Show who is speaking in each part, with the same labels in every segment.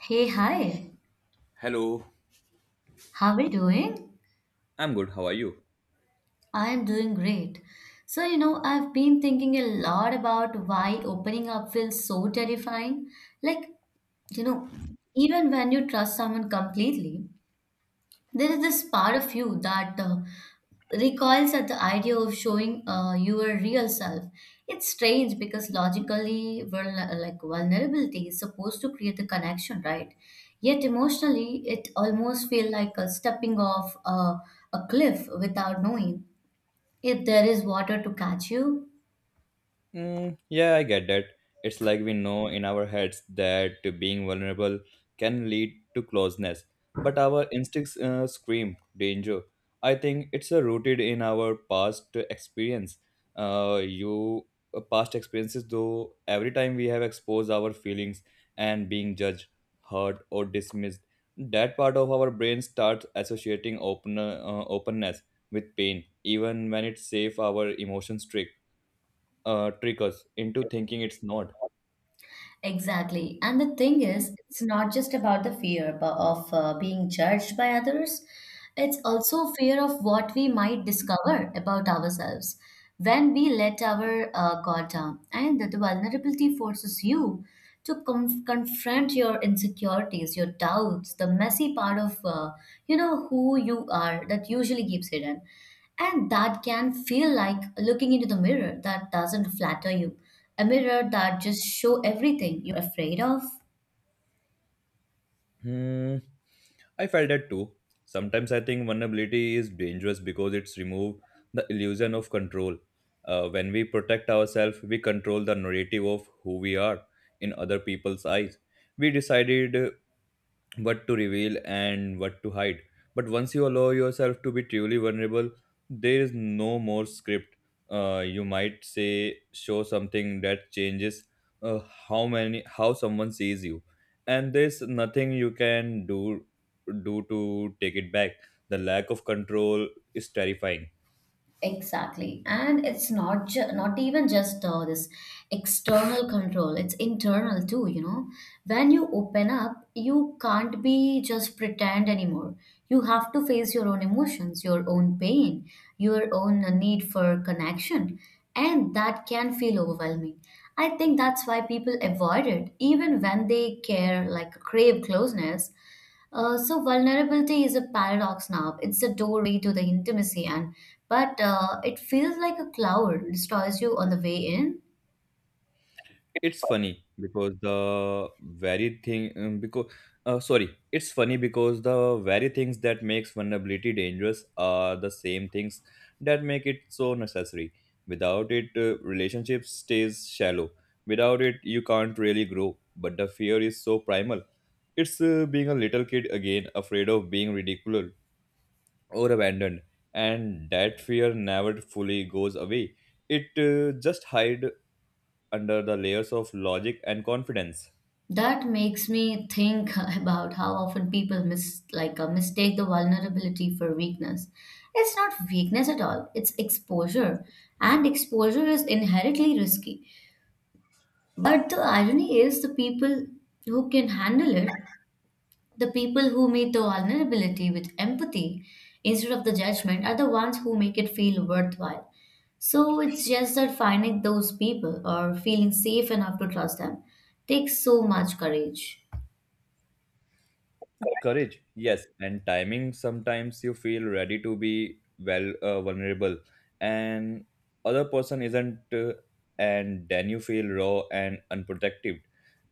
Speaker 1: Hey, hi.
Speaker 2: Hello,
Speaker 1: How are you doing?
Speaker 2: I'm good. How are you?
Speaker 1: I am doing great. So, you know, I've been thinking a lot about why opening up feels so terrifying. Like, you know, even when you trust someone completely, there is this part of you that recoils at the idea of showing your real self. It's strange because logically, vulnerability is supposed to create a connection, right? Yet emotionally, it almost feels like a stepping off a cliff without knowing if there is water to catch you.
Speaker 2: Mm, yeah, I get that. It's like we know in our heads that being vulnerable can lead to closeness, but our instincts scream danger. I think it's rooted in our past experience. You Past experiences, though, every time we have exposed our feelings and being judged, hurt, or dismissed, that part of our brain starts associating openness with pain, even when it's safe our emotions trick us into thinking it's not.
Speaker 1: Exactly. And the thing is, it's not just about the fear of being judged by others, it's also fear of what we might discover about ourselves when we let our guard down. And the vulnerability forces you to confront your insecurities, your doubts, the messy part of, you know, who you are that usually keeps hidden. And that can feel like looking into the mirror that doesn't flatter you, a mirror that just show everything you're afraid of.
Speaker 2: Hmm, I felt that too. Sometimes I think vulnerability is dangerous because it's removed the illusion of control. When we protect ourselves, we control the narrative of who we are in other people's eyes. We decided what to reveal and what to hide. But once you allow yourself to be truly vulnerable, there is no more script. You might say show something that changes uh, how someone sees you, and there's nothing you can do to take it back. The lack of control is terrifying.
Speaker 1: Exactly, and it's not even just this external control, it's internal too, you know. When you open up, you can't be just pretend anymore. You have to face your own emotions, your own pain, your own need for connection, and that can feel overwhelming. I think that's why people avoid it even when they care like crave closeness. So vulnerability is a paradox now. It's the doorway to the intimacy, and but it feels like a cloud destroys you on the way in.
Speaker 2: It's funny because the very thing because sorry it's funny because the very things that makes vulnerability dangerous are the same things that make it so necessary. Without it relationship stays shallow. Without it you can't really grow, but the fear is so primal. It's being a little kid again, afraid of being ridiculed or abandoned, and that fear never fully goes away. It just hide under the layers of logic and confidence.
Speaker 1: That makes me think about how often people mistake the vulnerability for weakness. It's not weakness at all. It's exposure, and exposure is inherently risky. But the irony is, the people who can handle it, the people who meet the vulnerability with empathy instead of the judgment are the ones who make it feel worthwhile. So it's just that finding those people or feeling safe enough to trust them takes so much courage.
Speaker 2: Courage, yes, and timing. Sometimes you feel ready to be vulnerable, and other person isn't, and then you feel raw and unprotected,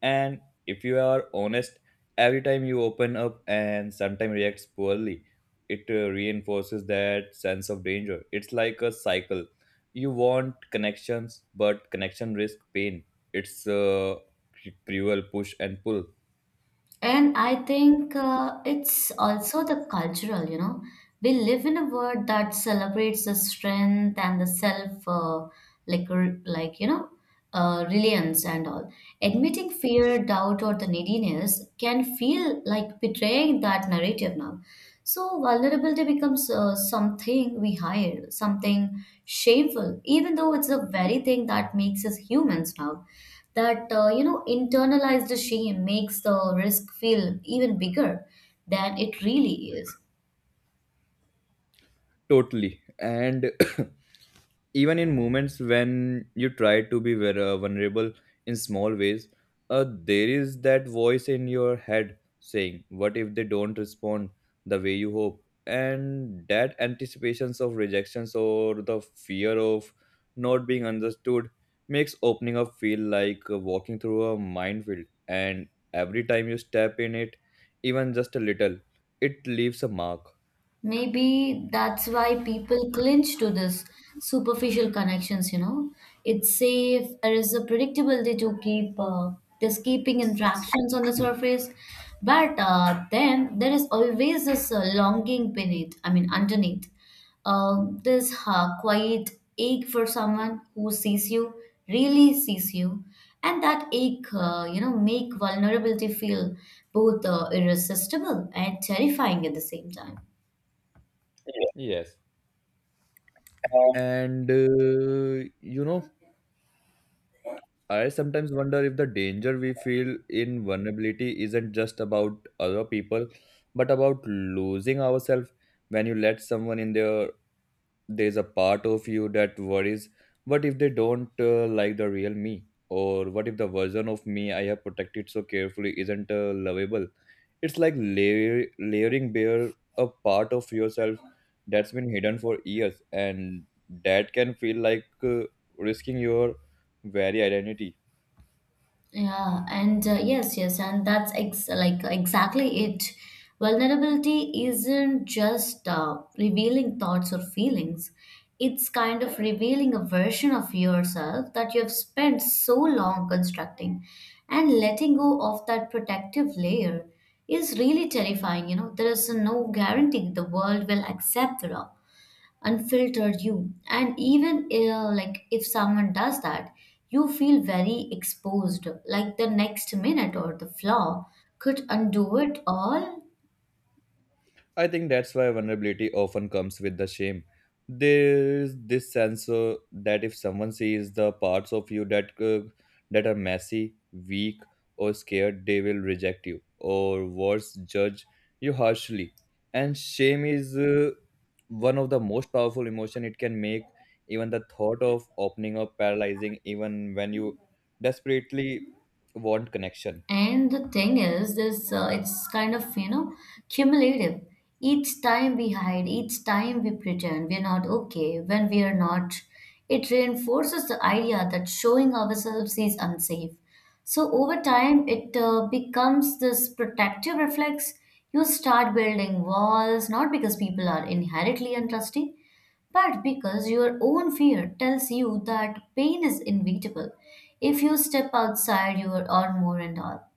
Speaker 2: and if you are honest, every time you open up and sometimes reacts poorly, it reinforces that sense of danger. It's like a cycle. You want connections but connection risk pain. It's a cruel push and pull.
Speaker 1: And I think it's also the cultural, you know. We live in a world that celebrates the strength and the self, like, r- like you know, reliance and all. Admitting fear, doubt, or the neediness can feel like betraying that narrative now. So vulnerability becomes something we hide, something shameful, even though it's the very thing that makes us humans now, that you know, internalized shame makes the risk feel even bigger than it really is.
Speaker 2: Totally. And even in moments when you try to be vulnerable in small ways, there is that voice in your head saying what if they don't respond the way you hope, and that anticipations of rejections or the fear of not being understood makes opening up feel like walking through a minefield, and every time you step in it, even just a little, it leaves a mark.
Speaker 1: Maybe that's why people clinch to this superficial connections, you know. It's safe, there is a predictability to keeping interactions on the surface. But then there is always this longing beneath, I mean, underneath. This quiet ache for someone who sees you, really sees you. And that ache, you know, make vulnerability feel both irresistible and terrifying at the same time. Yeah.
Speaker 2: Yes.
Speaker 1: Um,
Speaker 2: And you know, I sometimes wonder if the danger we feel in vulnerability isn't just about other people, but about losing ourselves. When you let someone in there, there's a part of you that worries, what if they don't like the real me? Or what if the version of me I have protected so carefully isn't lovable? It's like layering bare a part of yourself that's been hidden for years, and that can feel like risking your very identity.
Speaker 1: Yeah, and yes, yes, and that's ex like exactly it. Vulnerability isn't just revealing thoughts or feelings. It's kind of revealing a version of yourself that you have spent so long constructing, and letting go of that protective layer is really terrifying. You know, there is no guarantee the world will accept it all, unfiltered you. And even if someone does that, you feel very exposed, like the next minute or the flaw could undo it all.
Speaker 2: I think that's why vulnerability often comes with the shame. There is this sense that if someone sees the parts of you that are messy, weak, or scared, they will reject you, or worse, judge you harshly. And shame is one of the most powerful emotion it can make. Even the thought of opening up paralyzing, even when you desperately want connection.
Speaker 1: And the thing is, this it's kind of, you know, cumulative. Each time we hide, each time we pretend we're not okay when we are not, it reinforces the idea that showing ourselves is unsafe. So over time, it becomes this protective reflex. You start building walls not because people are inherently untrusting, but because your own fear tells you that pain is inevitable if you step outside your or more and all.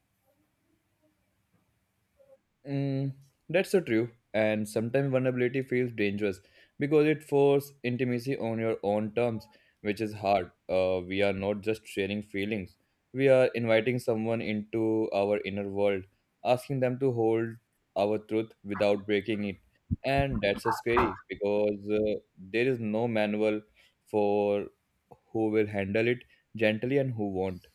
Speaker 2: Mm, that's so true. And sometimes vulnerability feels dangerous because it forces intimacy on your own terms, which is hard. We are not just sharing feelings, we are inviting someone into our inner world, asking them to hold our truth without breaking it. And that's so scary because there is no manual for who will handle it gently and who won't.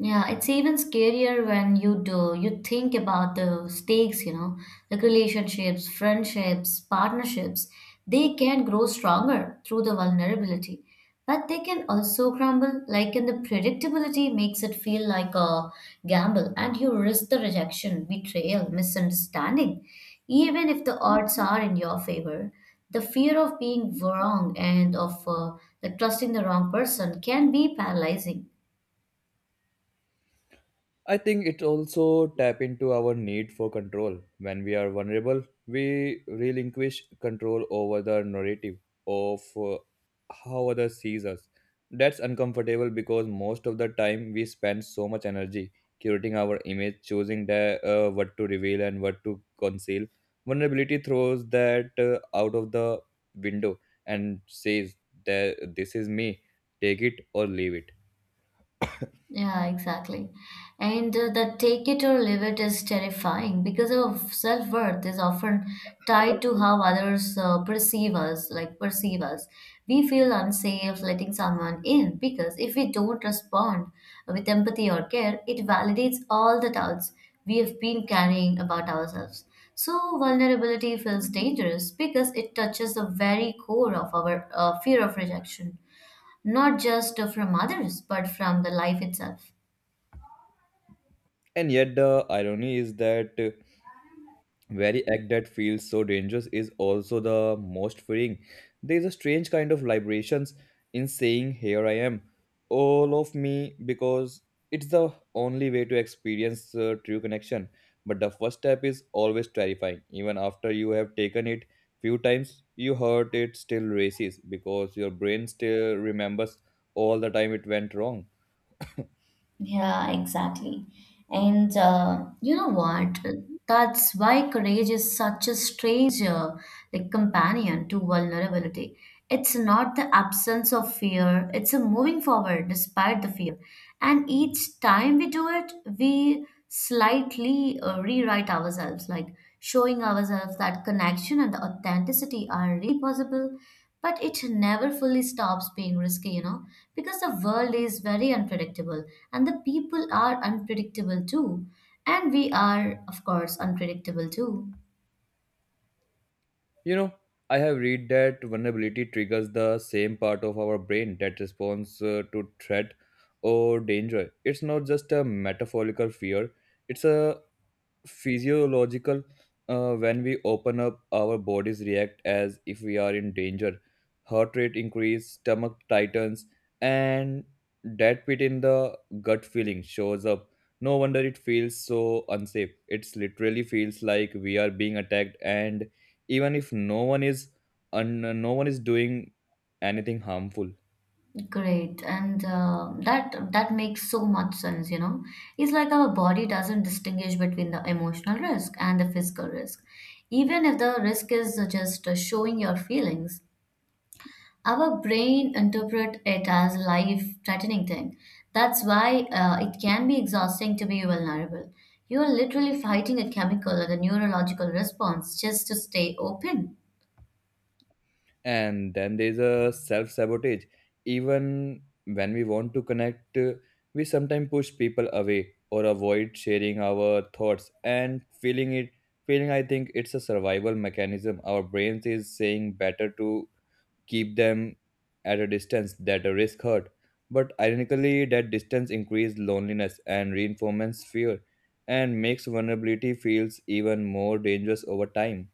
Speaker 1: Yeah, it's even scarier when you do. You think about the stakes, you know, like relationships, friendships, partnerships. They can grow stronger through the vulnerability, but they can also crumble. Like in the predictability makes it feel like a gamble, and you risk the rejection, betrayal, misunderstanding, even if the odds are in your favor. The fear of being wrong and of trusting the wrong person can be paralyzing.
Speaker 2: I think it also tap into our need for control. When we are vulnerable, we relinquish control over the narrative of how others sees us. That's uncomfortable because most of the time we spend so much energy curating our image, choosing what to reveal and what to conceal. Vulnerability throws that out of the window and says that this is me, take it or leave it.
Speaker 1: Yeah, exactly. And the take it or leave it is terrifying because our self-worth is often tied to how others perceive us. We feel unsafe letting someone in because if we don't respond with empathy or care, it validates all the doubts we have been carrying about ourselves. So vulnerability feels dangerous because it touches the very core of our fear of rejection, not just from others, but from the life itself.
Speaker 2: And yet the irony is that very act that feels so dangerous is also the most freeing. There is a strange kind of liberations in saying, here I am, all of me, because it's the only way to experience true connection. But the first step is always terrifying. Even after you have taken it few times, you hurt it still races because your brain still remembers all the time it went wrong.
Speaker 1: Yeah, exactly. And you know what? That's why courage is such a strange companion to vulnerability. It's not the absence of fear, it's a moving forward despite the fear. And each time we do it, we slightly rewrite ourselves, like showing ourselves that connection and authenticity are really possible. But it never fully stops being risky, you know, because the world is very unpredictable and the people are unpredictable too. And we are, of course, unpredictable too.
Speaker 2: You know, I have read that vulnerability triggers the same part of our brain that responds to threat or danger. It's not just a metaphorical fear, it's a physiological. When we open up our bodies react as if we are in danger. Heart rate increase, stomach tightens, and that pit in the gut feeling shows up. No wonder it feels so unsafe. It literally feels like we are being attacked, and even if no one is doing anything harmful.
Speaker 1: Great, and that makes so much sense, you know. It's like our body doesn't distinguish between the emotional risk and the physical risk, even if the risk is just showing your feelings. Our brain interpret it as a life threatening thing. That's why it can be exhausting to be vulnerable. You are literally fighting a chemical or a neurological response just to stay open.
Speaker 2: And then there's a self sabotage, even when we want to connect. We sometimes push people away or avoid sharing our thoughts and feeling, I think it's a survival mechanism. Our brains is saying better to keep them at a distance that a risk hurt. But ironically, that distance increases loneliness and reinforces fear and makes vulnerability feels even more dangerous over time.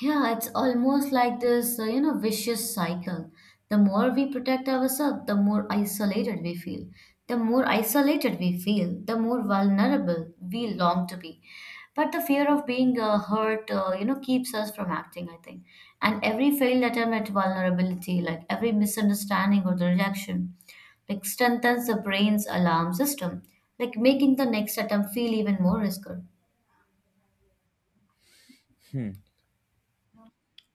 Speaker 1: Yeah, it's almost like this, you know, vicious cycle. The more we protect ourselves, the more isolated we feel. The more isolated we feel, the more vulnerable we long to be. But the fear of being hurt, you know, keeps us from acting, I think. And every failed attempt at vulnerability, like every misunderstanding or the rejection, like strengthens the brain's alarm system, like making the next attempt feel even more risky.
Speaker 2: Hmm.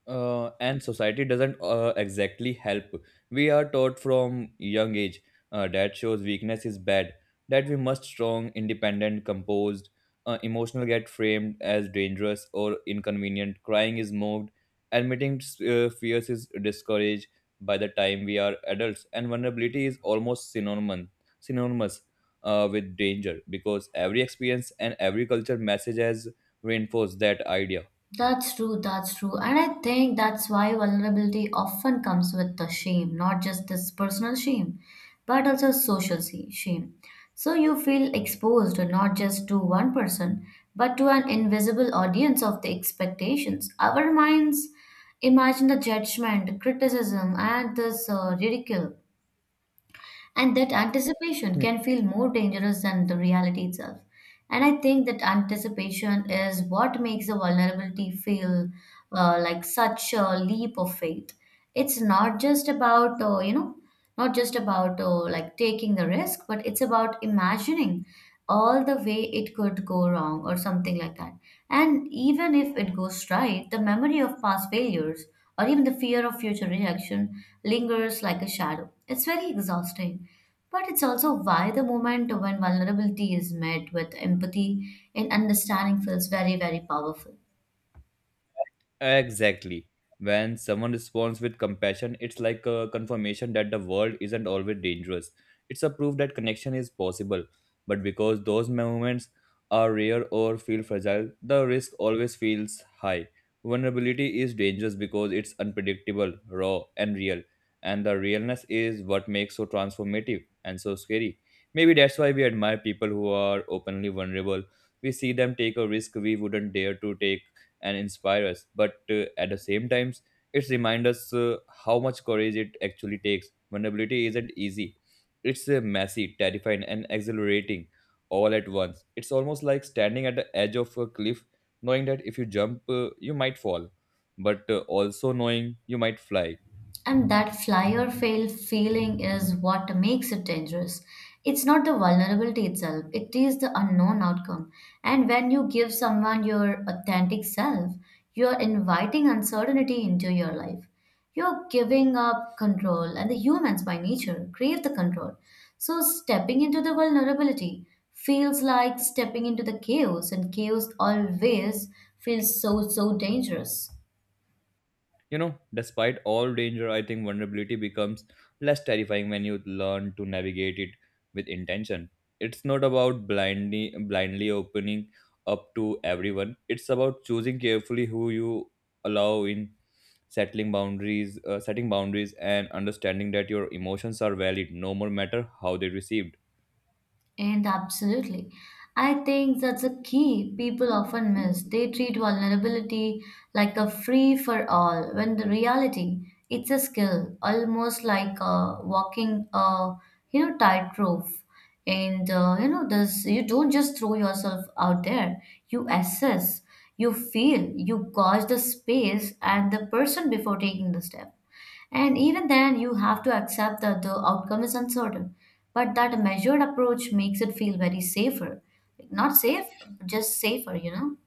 Speaker 2: And society doesn't exactly help. We are taught from young age that shows weakness is bad, that we must strong, independent, composed, emotional get framed as dangerous or inconvenient. Crying is mocked, admitting fears is discouraged. By the time we are adults, and vulnerability is almost synonymous with danger because every experience and every culture message has reinforced that idea.
Speaker 1: That's true, that's true. And I think that's why vulnerability often comes with the shame, not just this personal shame, but also shame. So you feel exposed not just to one person, but to an invisible audience of the expectations. Our minds imagine the judgment, criticism, and this ridicule. And that anticipation can feel more dangerous than the reality itself. And I think that anticipation is what makes the vulnerability feel like such a leap of faith. It's not just about, taking the risk, but it's about imagining all the way it could go wrong or something like that. And even if it goes right, the memory of past failures or even the fear of future rejection lingers like a shadow. It's very exhausting. But it's also why the moment when vulnerability is met with empathy and understanding feels very, very powerful.
Speaker 2: Exactly. When someone responds with compassion, it's like a confirmation that the world isn't always dangerous. It's a proof that connection is possible. But because those moments are rare or feel fragile, the risk always feels high. Vulnerability is dangerous because it's unpredictable, raw, and real. And the realness is what makes so transformative and so scary. Maybe that's why we admire people who are openly vulnerable. We see them take a risk we wouldn't dare to take and inspire us, but at the same times it reminds us how much courage it actually takes. Vulnerability isn't easy. It's messy, terrifying, and exhilarating all at once. It's almost like standing at the edge of a cliff, knowing that if you jump you might fall, but also knowing you might fly.
Speaker 1: And that fly or fail feeling is what makes it dangerous. It's not the vulnerability itself, it is the unknown outcome. And when you give someone your authentic self, you're inviting uncertainty into your life. You're giving up control, and the humans by nature crave the control. So, stepping into the vulnerability feels like stepping into the chaos, and chaos always feels so, so dangerous.
Speaker 2: You know, despite all danger, I think vulnerability becomes less terrifying when you learn to navigate it with intention. It's not about blindly opening up to everyone. It's about choosing carefully who you allow in, settling boundaries, setting boundaries, and understanding that your emotions are valid no more matter how they received.
Speaker 1: And absolutely. I think that's a key people often miss. They treat vulnerability like a free for all, when the reality, it's a skill, almost like walking a, you know, tightrope. And you know this, you don't just throw yourself out there. You assess, you feel, you gauge the space and the person before taking the step. And even then, you have to accept that the outcome is uncertain. But that measured approach makes it feel very safer. Not safe, just safer, you know?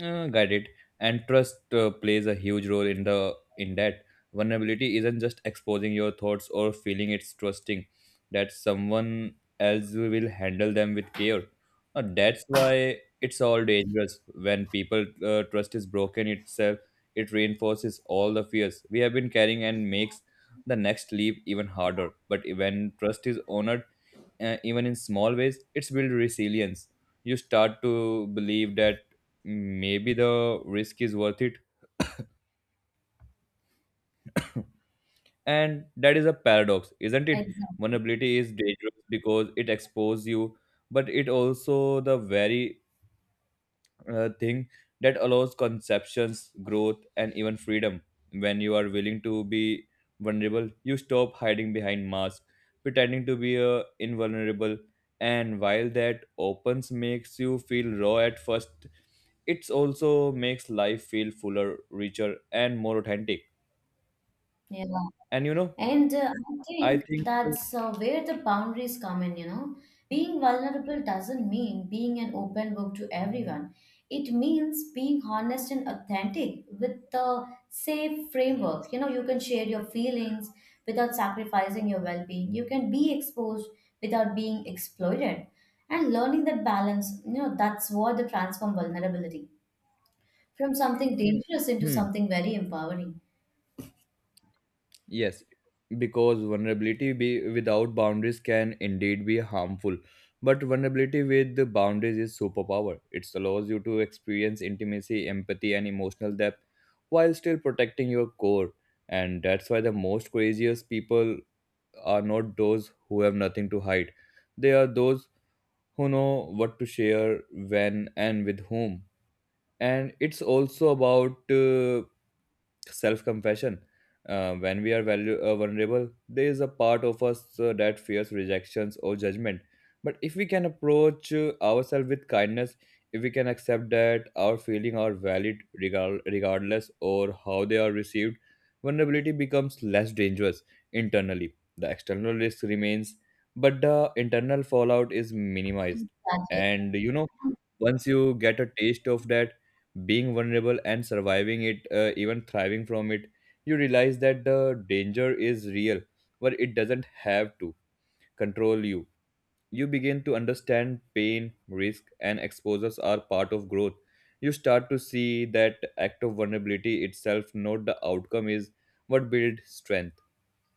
Speaker 2: Got it. And trust plays a huge role in the in that. Vulnerability isn't just exposing your thoughts or feeling; it's trusting that someone else will handle them with care. That's why it's all dangerous. When people trust is broken itself, it reinforces all the fears we have been carrying and makes the next leap even harder. But when trust is honored, even in small ways, it's build resilience. You start to believe that maybe the risk is worth it, and that is a paradox, isn't it?
Speaker 1: Exactly.
Speaker 2: Vulnerability is dangerous because it exposes you, but it also the very thing that allows conceptions growth and even freedom. When you are willing to be vulnerable, you stop hiding behind masks, pretending to be invulnerable, and while that opens makes you feel raw at first, it also makes life feel fuller, richer, and more authentic.
Speaker 1: Yeah.
Speaker 2: And you know,
Speaker 1: And uh, I
Speaker 2: I
Speaker 1: think
Speaker 2: think,
Speaker 1: that's uh, where the boundaries come in, you know. Being vulnerable doesn't mean being an open book to everyone. It means being honest and authentic with the safe framework. You know, you can share your feelings without sacrificing your well being. You can be exposed without being exploited. And learning that balance, you know, that's what the transform vulnerability from something dangerous into
Speaker 2: hmm,
Speaker 1: something very empowering.
Speaker 2: yes, because without boundaries can indeed be harmful. But vulnerability with the boundaries is superpower. It allows you to experience intimacy, empathy, and emotional depth while still protecting your core. And that's why the most courageous people are not those who have nothing to hide. They are those who know what to share, when, and with whom. And it's also about self compassion. When we are vulnerable, there is a part of us that fears rejections or judgment. But if we can approach ourselves with kindness, if we can accept that our feelings are valid regardless or how they are received, vulnerability becomes less dangerous internally. The external risk remains, but the internal fallout is minimized.
Speaker 1: Exactly.
Speaker 2: And you know, once you get a taste of that, being vulnerable and surviving it, even thriving from it, you realize that the danger is real, but it doesn't have to control you. You begin to understand pain, risk, and exposures are part of growth. You start to see that act of vulnerability itself, not the outcome, is what builds strength.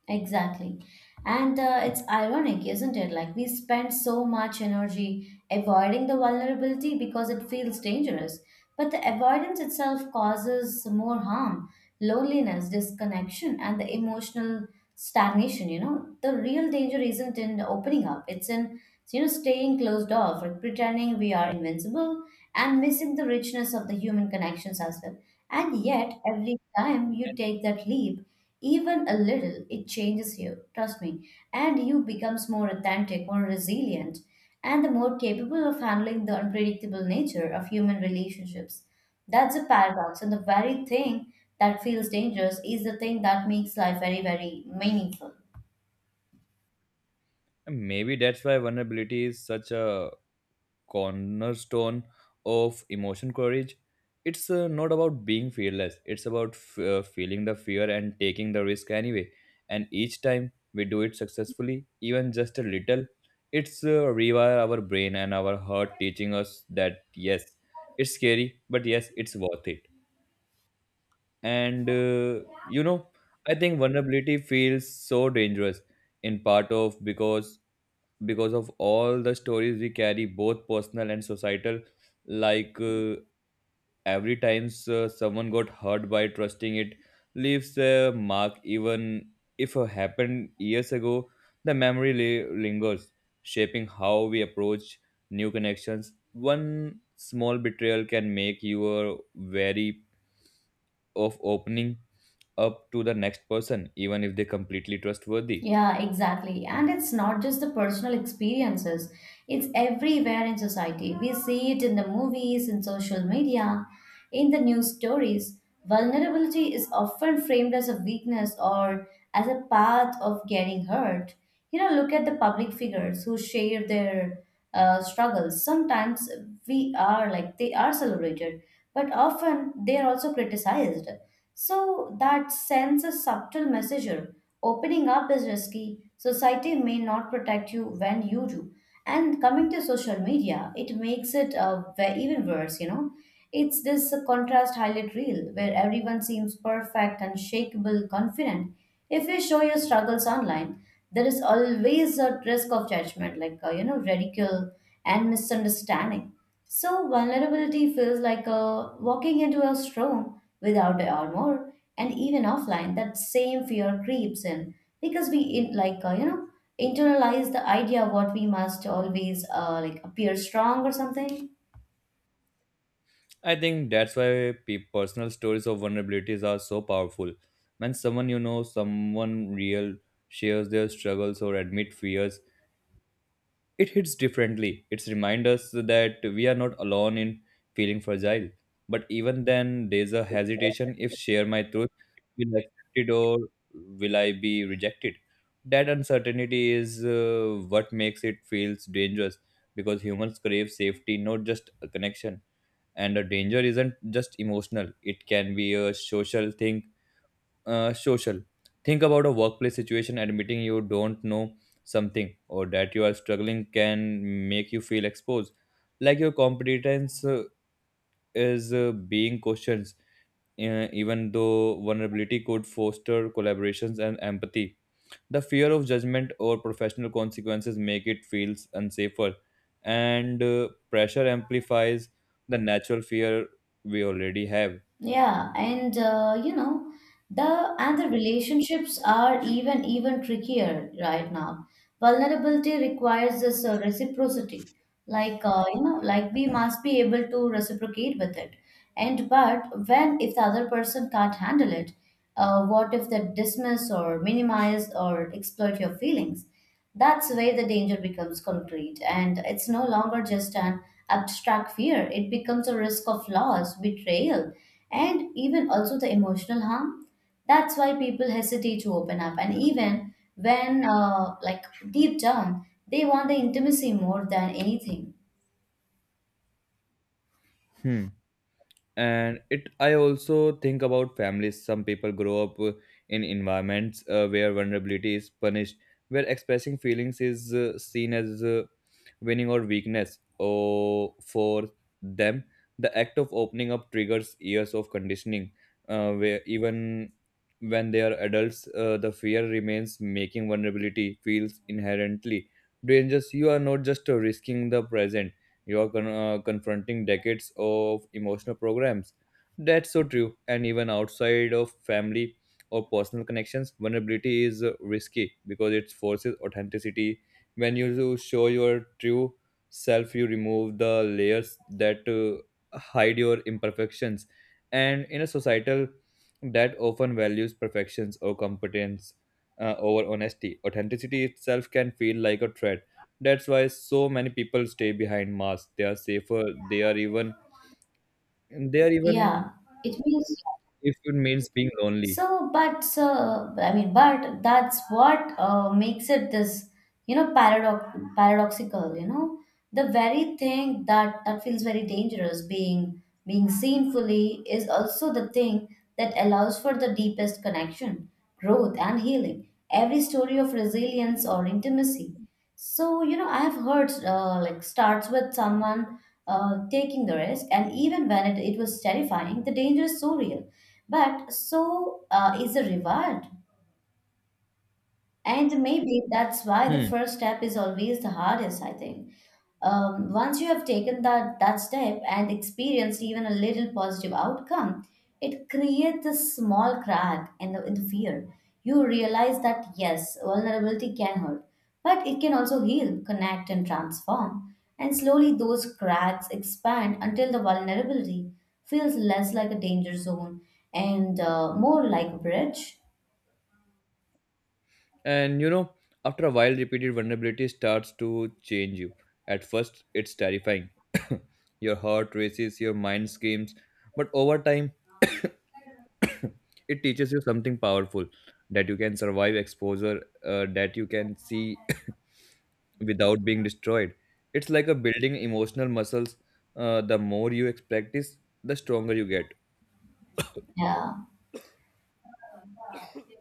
Speaker 1: Exactly. And it's ironic, isn't it? Like, we spend so much energy avoiding the vulnerability because it feels dangerous. But the avoidance itself causes more harm, loneliness, disconnection, and the emotional stagnation. You know, the real danger isn't in opening up, it's in, you know, staying closed off, like pretending we are invincible and missing the richness of the human connections as well. And yet, every time you take that leap, even a little, it changes you, trust me, and you becomes more authentic, more resilient, and the more capable of handling the unpredictable nature of human relationships. That's a paradox, and the very thing that feels dangerous is the thing that makes life very, very meaningful.
Speaker 2: And maybe that's why vulnerability is such a cornerstone of emotion courage. It's not about being fearless, it's about feeling the fear and taking the risk anyway. And each time we do it successfully, even just a little, it's rewire our brain and our heart, teaching us that yes, it's scary, but yes, it's worth it. And I think vulnerability feels so dangerous in part of because of all the stories we carry, both personal and societal, like uh, every time someone got hurt by trusting, it leaves a mark even if it happened years ago. The memory lingers, shaping how we approach new connections. One small betrayal can make you wary of opening up to the next person, even if they completely trustworthy.
Speaker 1: Yeah, exactly. And it's not just the personal experiences, it's everywhere in society. We see it in the movies, in social media, in the news stories. Vulnerability is often framed as a weakness or as a path of getting hurt. You know, look at the public figures who share their struggles. Sometimes we are like they are celebrated, but often they are also criticized. So that sends a subtle message. Opening up is risky. Society may not protect you when you do. And coming to social media, it makes it even worse, you know. It's this contrast highlight reel where everyone seems perfect, unshakable, confident. If you show your struggles online, there is always a risk of judgment, like, you know, ridicule and misunderstanding. So vulnerability feels like walking into a storm without a armor, and even offline that same fear creeps in because we in, you know, internalize the idea what we must always like appear strong or something.
Speaker 2: I think that's why personal stories of vulnerabilities are so powerful. When someone, you know, someone real, shares their struggles or admit fears, it hits differently. It's remind us that we are not alone in feeling fragile. But even then, there's a hesitation. If share my truth, will I accept it or will I be rejected? That uncertainty is what makes it feels dangerous, because humans crave safety, not just a connection. And a danger isn't just emotional, it can be a social thing. Social, think about a workplace situation. Admitting you don't know something or that you are struggling can make you feel exposed, like your competence is being questioned. Even though vulnerability could foster collaborations and empathy, the fear of judgment or professional consequences make it feels unsafer, and pressure amplifies the natural fear we already have.
Speaker 1: Yeah, and you know, the and the relationships are even trickier right now. Vulnerability requires this reciprocity, you know, like we must be able to reciprocate with it. And but when if the other person can't handle it, what if they dismiss or minimize or exploit your feelings? That's where the danger becomes concrete, and it's no longer just an abstract fear. It becomes a risk of loss, betrayal, and even also the emotional harm. That's why people hesitate to open up. And even when, like deep down, they want the intimacy more than anything.
Speaker 2: Hmm. And it I also think about families. Some people grow up in environments where vulnerability is punished, where expressing feelings is seen as winning or weakness, or for them the act of opening up triggers years of conditioning, where even when they are adults, the fear remains, making vulnerability feels inherently dangerous. You are not just risking the present, you are confronting decades of emotional programs. That's so true. And even outside of family or personal connections, vulnerability is risky because it forces authenticity. When you do show your true self, you remove the layers that hide your imperfections. And in a societal that often values perfections or competence over honesty, authenticity itself can feel like a threat. That's why so many people stay behind masks. They are safer. They are even they are
Speaker 1: Yeah,
Speaker 2: even
Speaker 1: it means.
Speaker 2: if it means being lonely.
Speaker 1: So, but so I mean, but that's what makes it this, you know, paradoxical. You know, the very thing that feels very dangerous, being seen fully, is also the thing that allows for the deepest connection, growth, and healing. Every story of resilience or intimacy, so, you know, I have heard like starts with someone taking the risk, and even when it was terrifying, the danger is so real. But so is the reward. And maybe that's why the
Speaker 2: Hmm.
Speaker 1: first step is always the hardest, I think. Once you have taken that step and experienced even a little positive outcome, it creates a small crack in the fear. You realize that yes, vulnerability can hurt, but it can also heal, connect, and transform. And slowly those cracks expand until the vulnerability feels less like a danger zone and more like a bridge.
Speaker 2: And you know, after a while, repeated vulnerability starts to change you. At first, it's terrifying. Your heart races, your mind screams, but over time, it teaches you something powerful, that you can survive exposure, that you can see without being destroyed. It's like a building emotional muscles. The more you practice, the stronger you get.
Speaker 1: Yeah.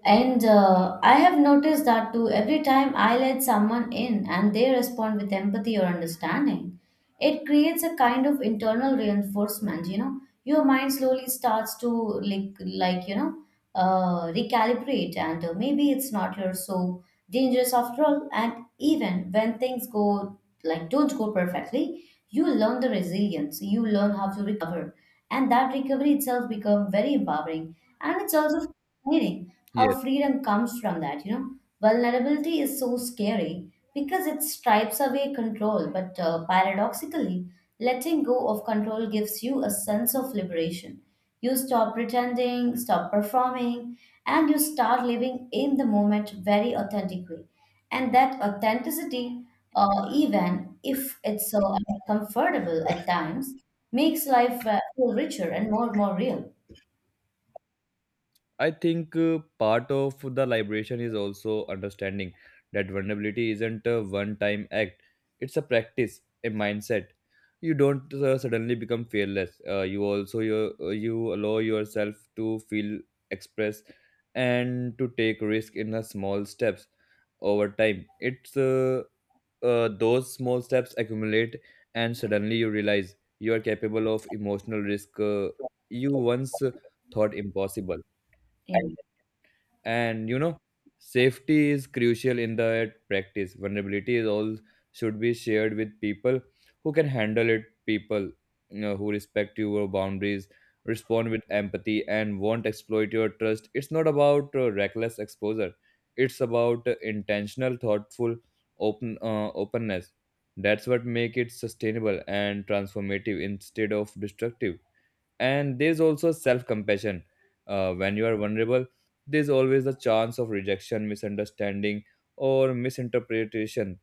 Speaker 1: And I have noticed that too. Every time I let someone in and they respond with empathy or understanding, it creates a kind of internal reinforcement. You know, your mind slowly starts to recalibrate, and maybe it's not you're so dangerous after all. And even when things go like don't go perfectly, you learn the resilience. You learn how to recover, and that recovery itself become very empowering, and it's also fascinating
Speaker 2: Yes,
Speaker 1: how freedom comes from that, you know. Vulnerability is so scary because it stripes away control, but paradoxically, letting go of control gives you a sense of liberation. You stop pretending, stop performing, and you start living in the moment very authentically, and that authenticity, even if it's so uncomfortable at times, makes life feel richer and more real.
Speaker 2: I think part of the liberation is also understanding that vulnerability isn't a one-time act. It's a practice, a mindset. You don't suddenly become fearless. You allow yourself to feel, express, and to take risk in the small steps over time. It's Those small steps accumulate, and suddenly you realize you are capable of emotional risk you once thought impossible. And you know, safety is crucial in the practice. Vulnerability is all should be shared with people who can handle it, people, you know, who respect your boundaries, respond with empathy, and won't exploit your trust. It's not about reckless exposure, it's about intentional, thoughtful, openness. That's what make it sustainable and transformative instead of destructive. And there's also self-compassion. When you are vulnerable, there's always a chance of rejection, misunderstanding, or misinterpretation.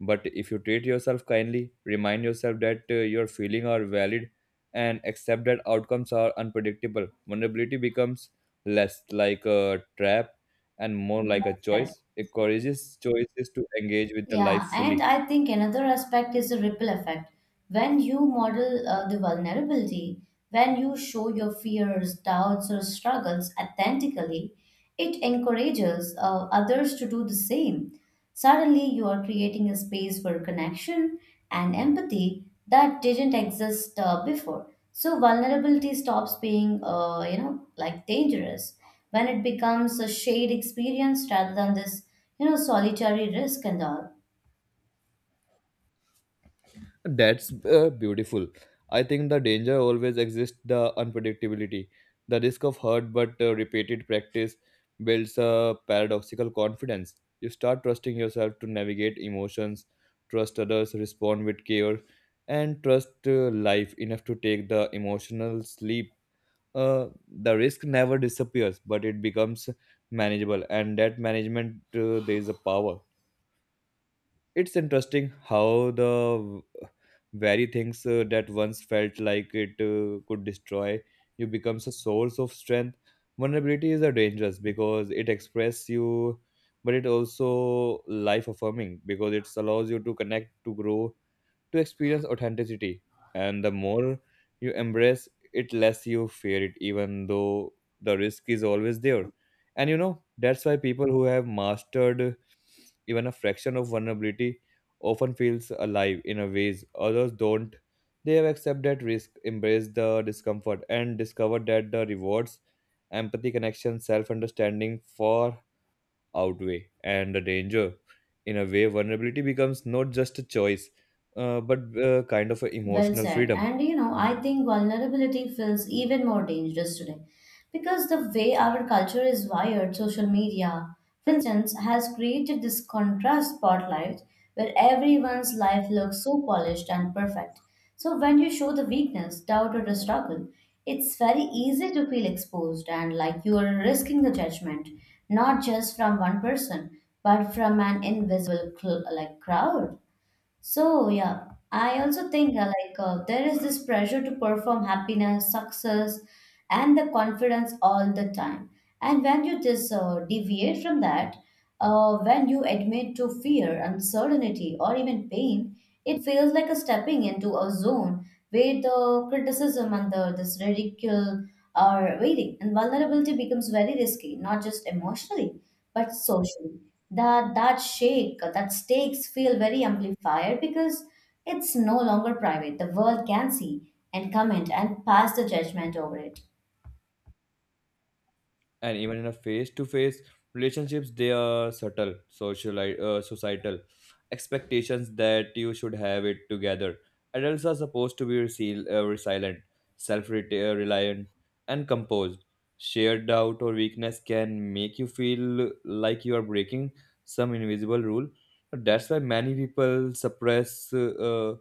Speaker 2: But if you treat yourself kindly, remind yourself that your feelings are valid, and accept that outcomes are unpredictable, vulnerability becomes less like a trap and more like a
Speaker 1: Yeah.
Speaker 2: choice. It courageous choice is to engage with the
Speaker 1: Yeah,
Speaker 2: life
Speaker 1: and
Speaker 2: fully.
Speaker 1: I think another aspect is the ripple effect. When you model the vulnerability, when you show your fears, doubts, or struggles authentically, it encourages others to do the same. Suddenly, you are creating a space for connection and empathy that didn't exist before. So, vulnerability stops being, you know, like dangerous when it becomes a shared experience rather than this, you know, solitary risk and all.
Speaker 2: That's beautiful. I think the danger always exists, the unpredictability. The risk of hurt, but repeated practice builds a paradoxical confidence. You start trusting yourself to navigate emotions, trust others, respond with care, and trust life enough to take the emotional sleep. The risk never disappears, but it becomes manageable, and that management, there is a power. It's interesting how the very things that once felt like it could destroy you becomes a source of strength. Vulnerability is a dangerous because it expresses you, but it also life affirming because it allows you to connect, to grow, to experience authenticity. And the more you embrace it, less you fear it, even though the risk is always there. And you know, that's why people who have mastered even a fraction of vulnerability often feels alive in a ways others don't. They have accepted risk, embraced the discomfort, and discovered that the rewards, empathy, connection, self-understanding, far outweigh and the danger. In a way, vulnerability becomes not just a choice, but kind of an
Speaker 1: Well
Speaker 2: emotional
Speaker 1: said.
Speaker 2: freedom.
Speaker 1: And you know, I think vulnerability feels even more dangerous today because the way our culture is wired, social media, for instance, has created this contrast spotlight where everyone's life looks so polished and perfect. So when you show the weakness, doubt, or the struggle, it's very easy to feel exposed and like you are risking the judgment, not just from one person, but from an invisible crowd. So yeah, I also think there is this pressure to perform happiness, success, and the confidence all the time. And when you just deviate from that, when you admit to fear, uncertainty, or even pain, it feels like a stepping into a zone where the criticism and the this ridicule are waiting, and vulnerability becomes very risky, not just emotionally but socially. That stakes feel very amplified because it's no longer private. The world can see and comment and pass the judgment over it.
Speaker 2: And even in a face-to-face relationships, they are subtle social societal expectations that you should have it together. Adults are supposed to be resilient, self-reliant, and composed. Shared doubt or weakness can make you feel like you are breaking some invisible rule. That's why many people suppress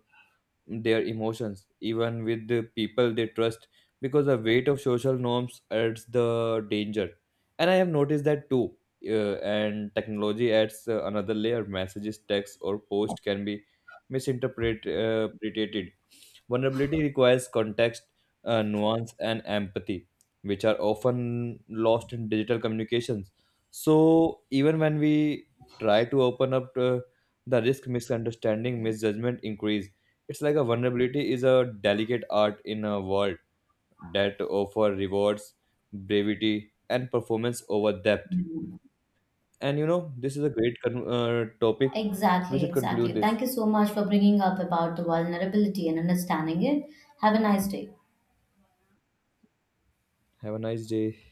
Speaker 2: their emotions even with the people they trust, because the weight of social norms adds the danger. And I have noticed that too. And technology adds another layer. Messages, texts, or post can be misinterpreted. Vulnerability requires context, nuance, and empathy, which are often lost in digital communications. So, even when we try to open up to the risk, misunderstanding, misjudgment increase. It's like a vulnerability is a delicate art in a world that offer rewards, brevity, and performance over depth.
Speaker 1: Mhm.
Speaker 2: And you know, this is a great topic. We
Speaker 1: Exactly,
Speaker 2: should conclude
Speaker 1: exactly. Thank
Speaker 2: this.
Speaker 1: you so much for bringing up about the vulnerability and understanding it. Have a nice day.
Speaker 2: Have a nice day.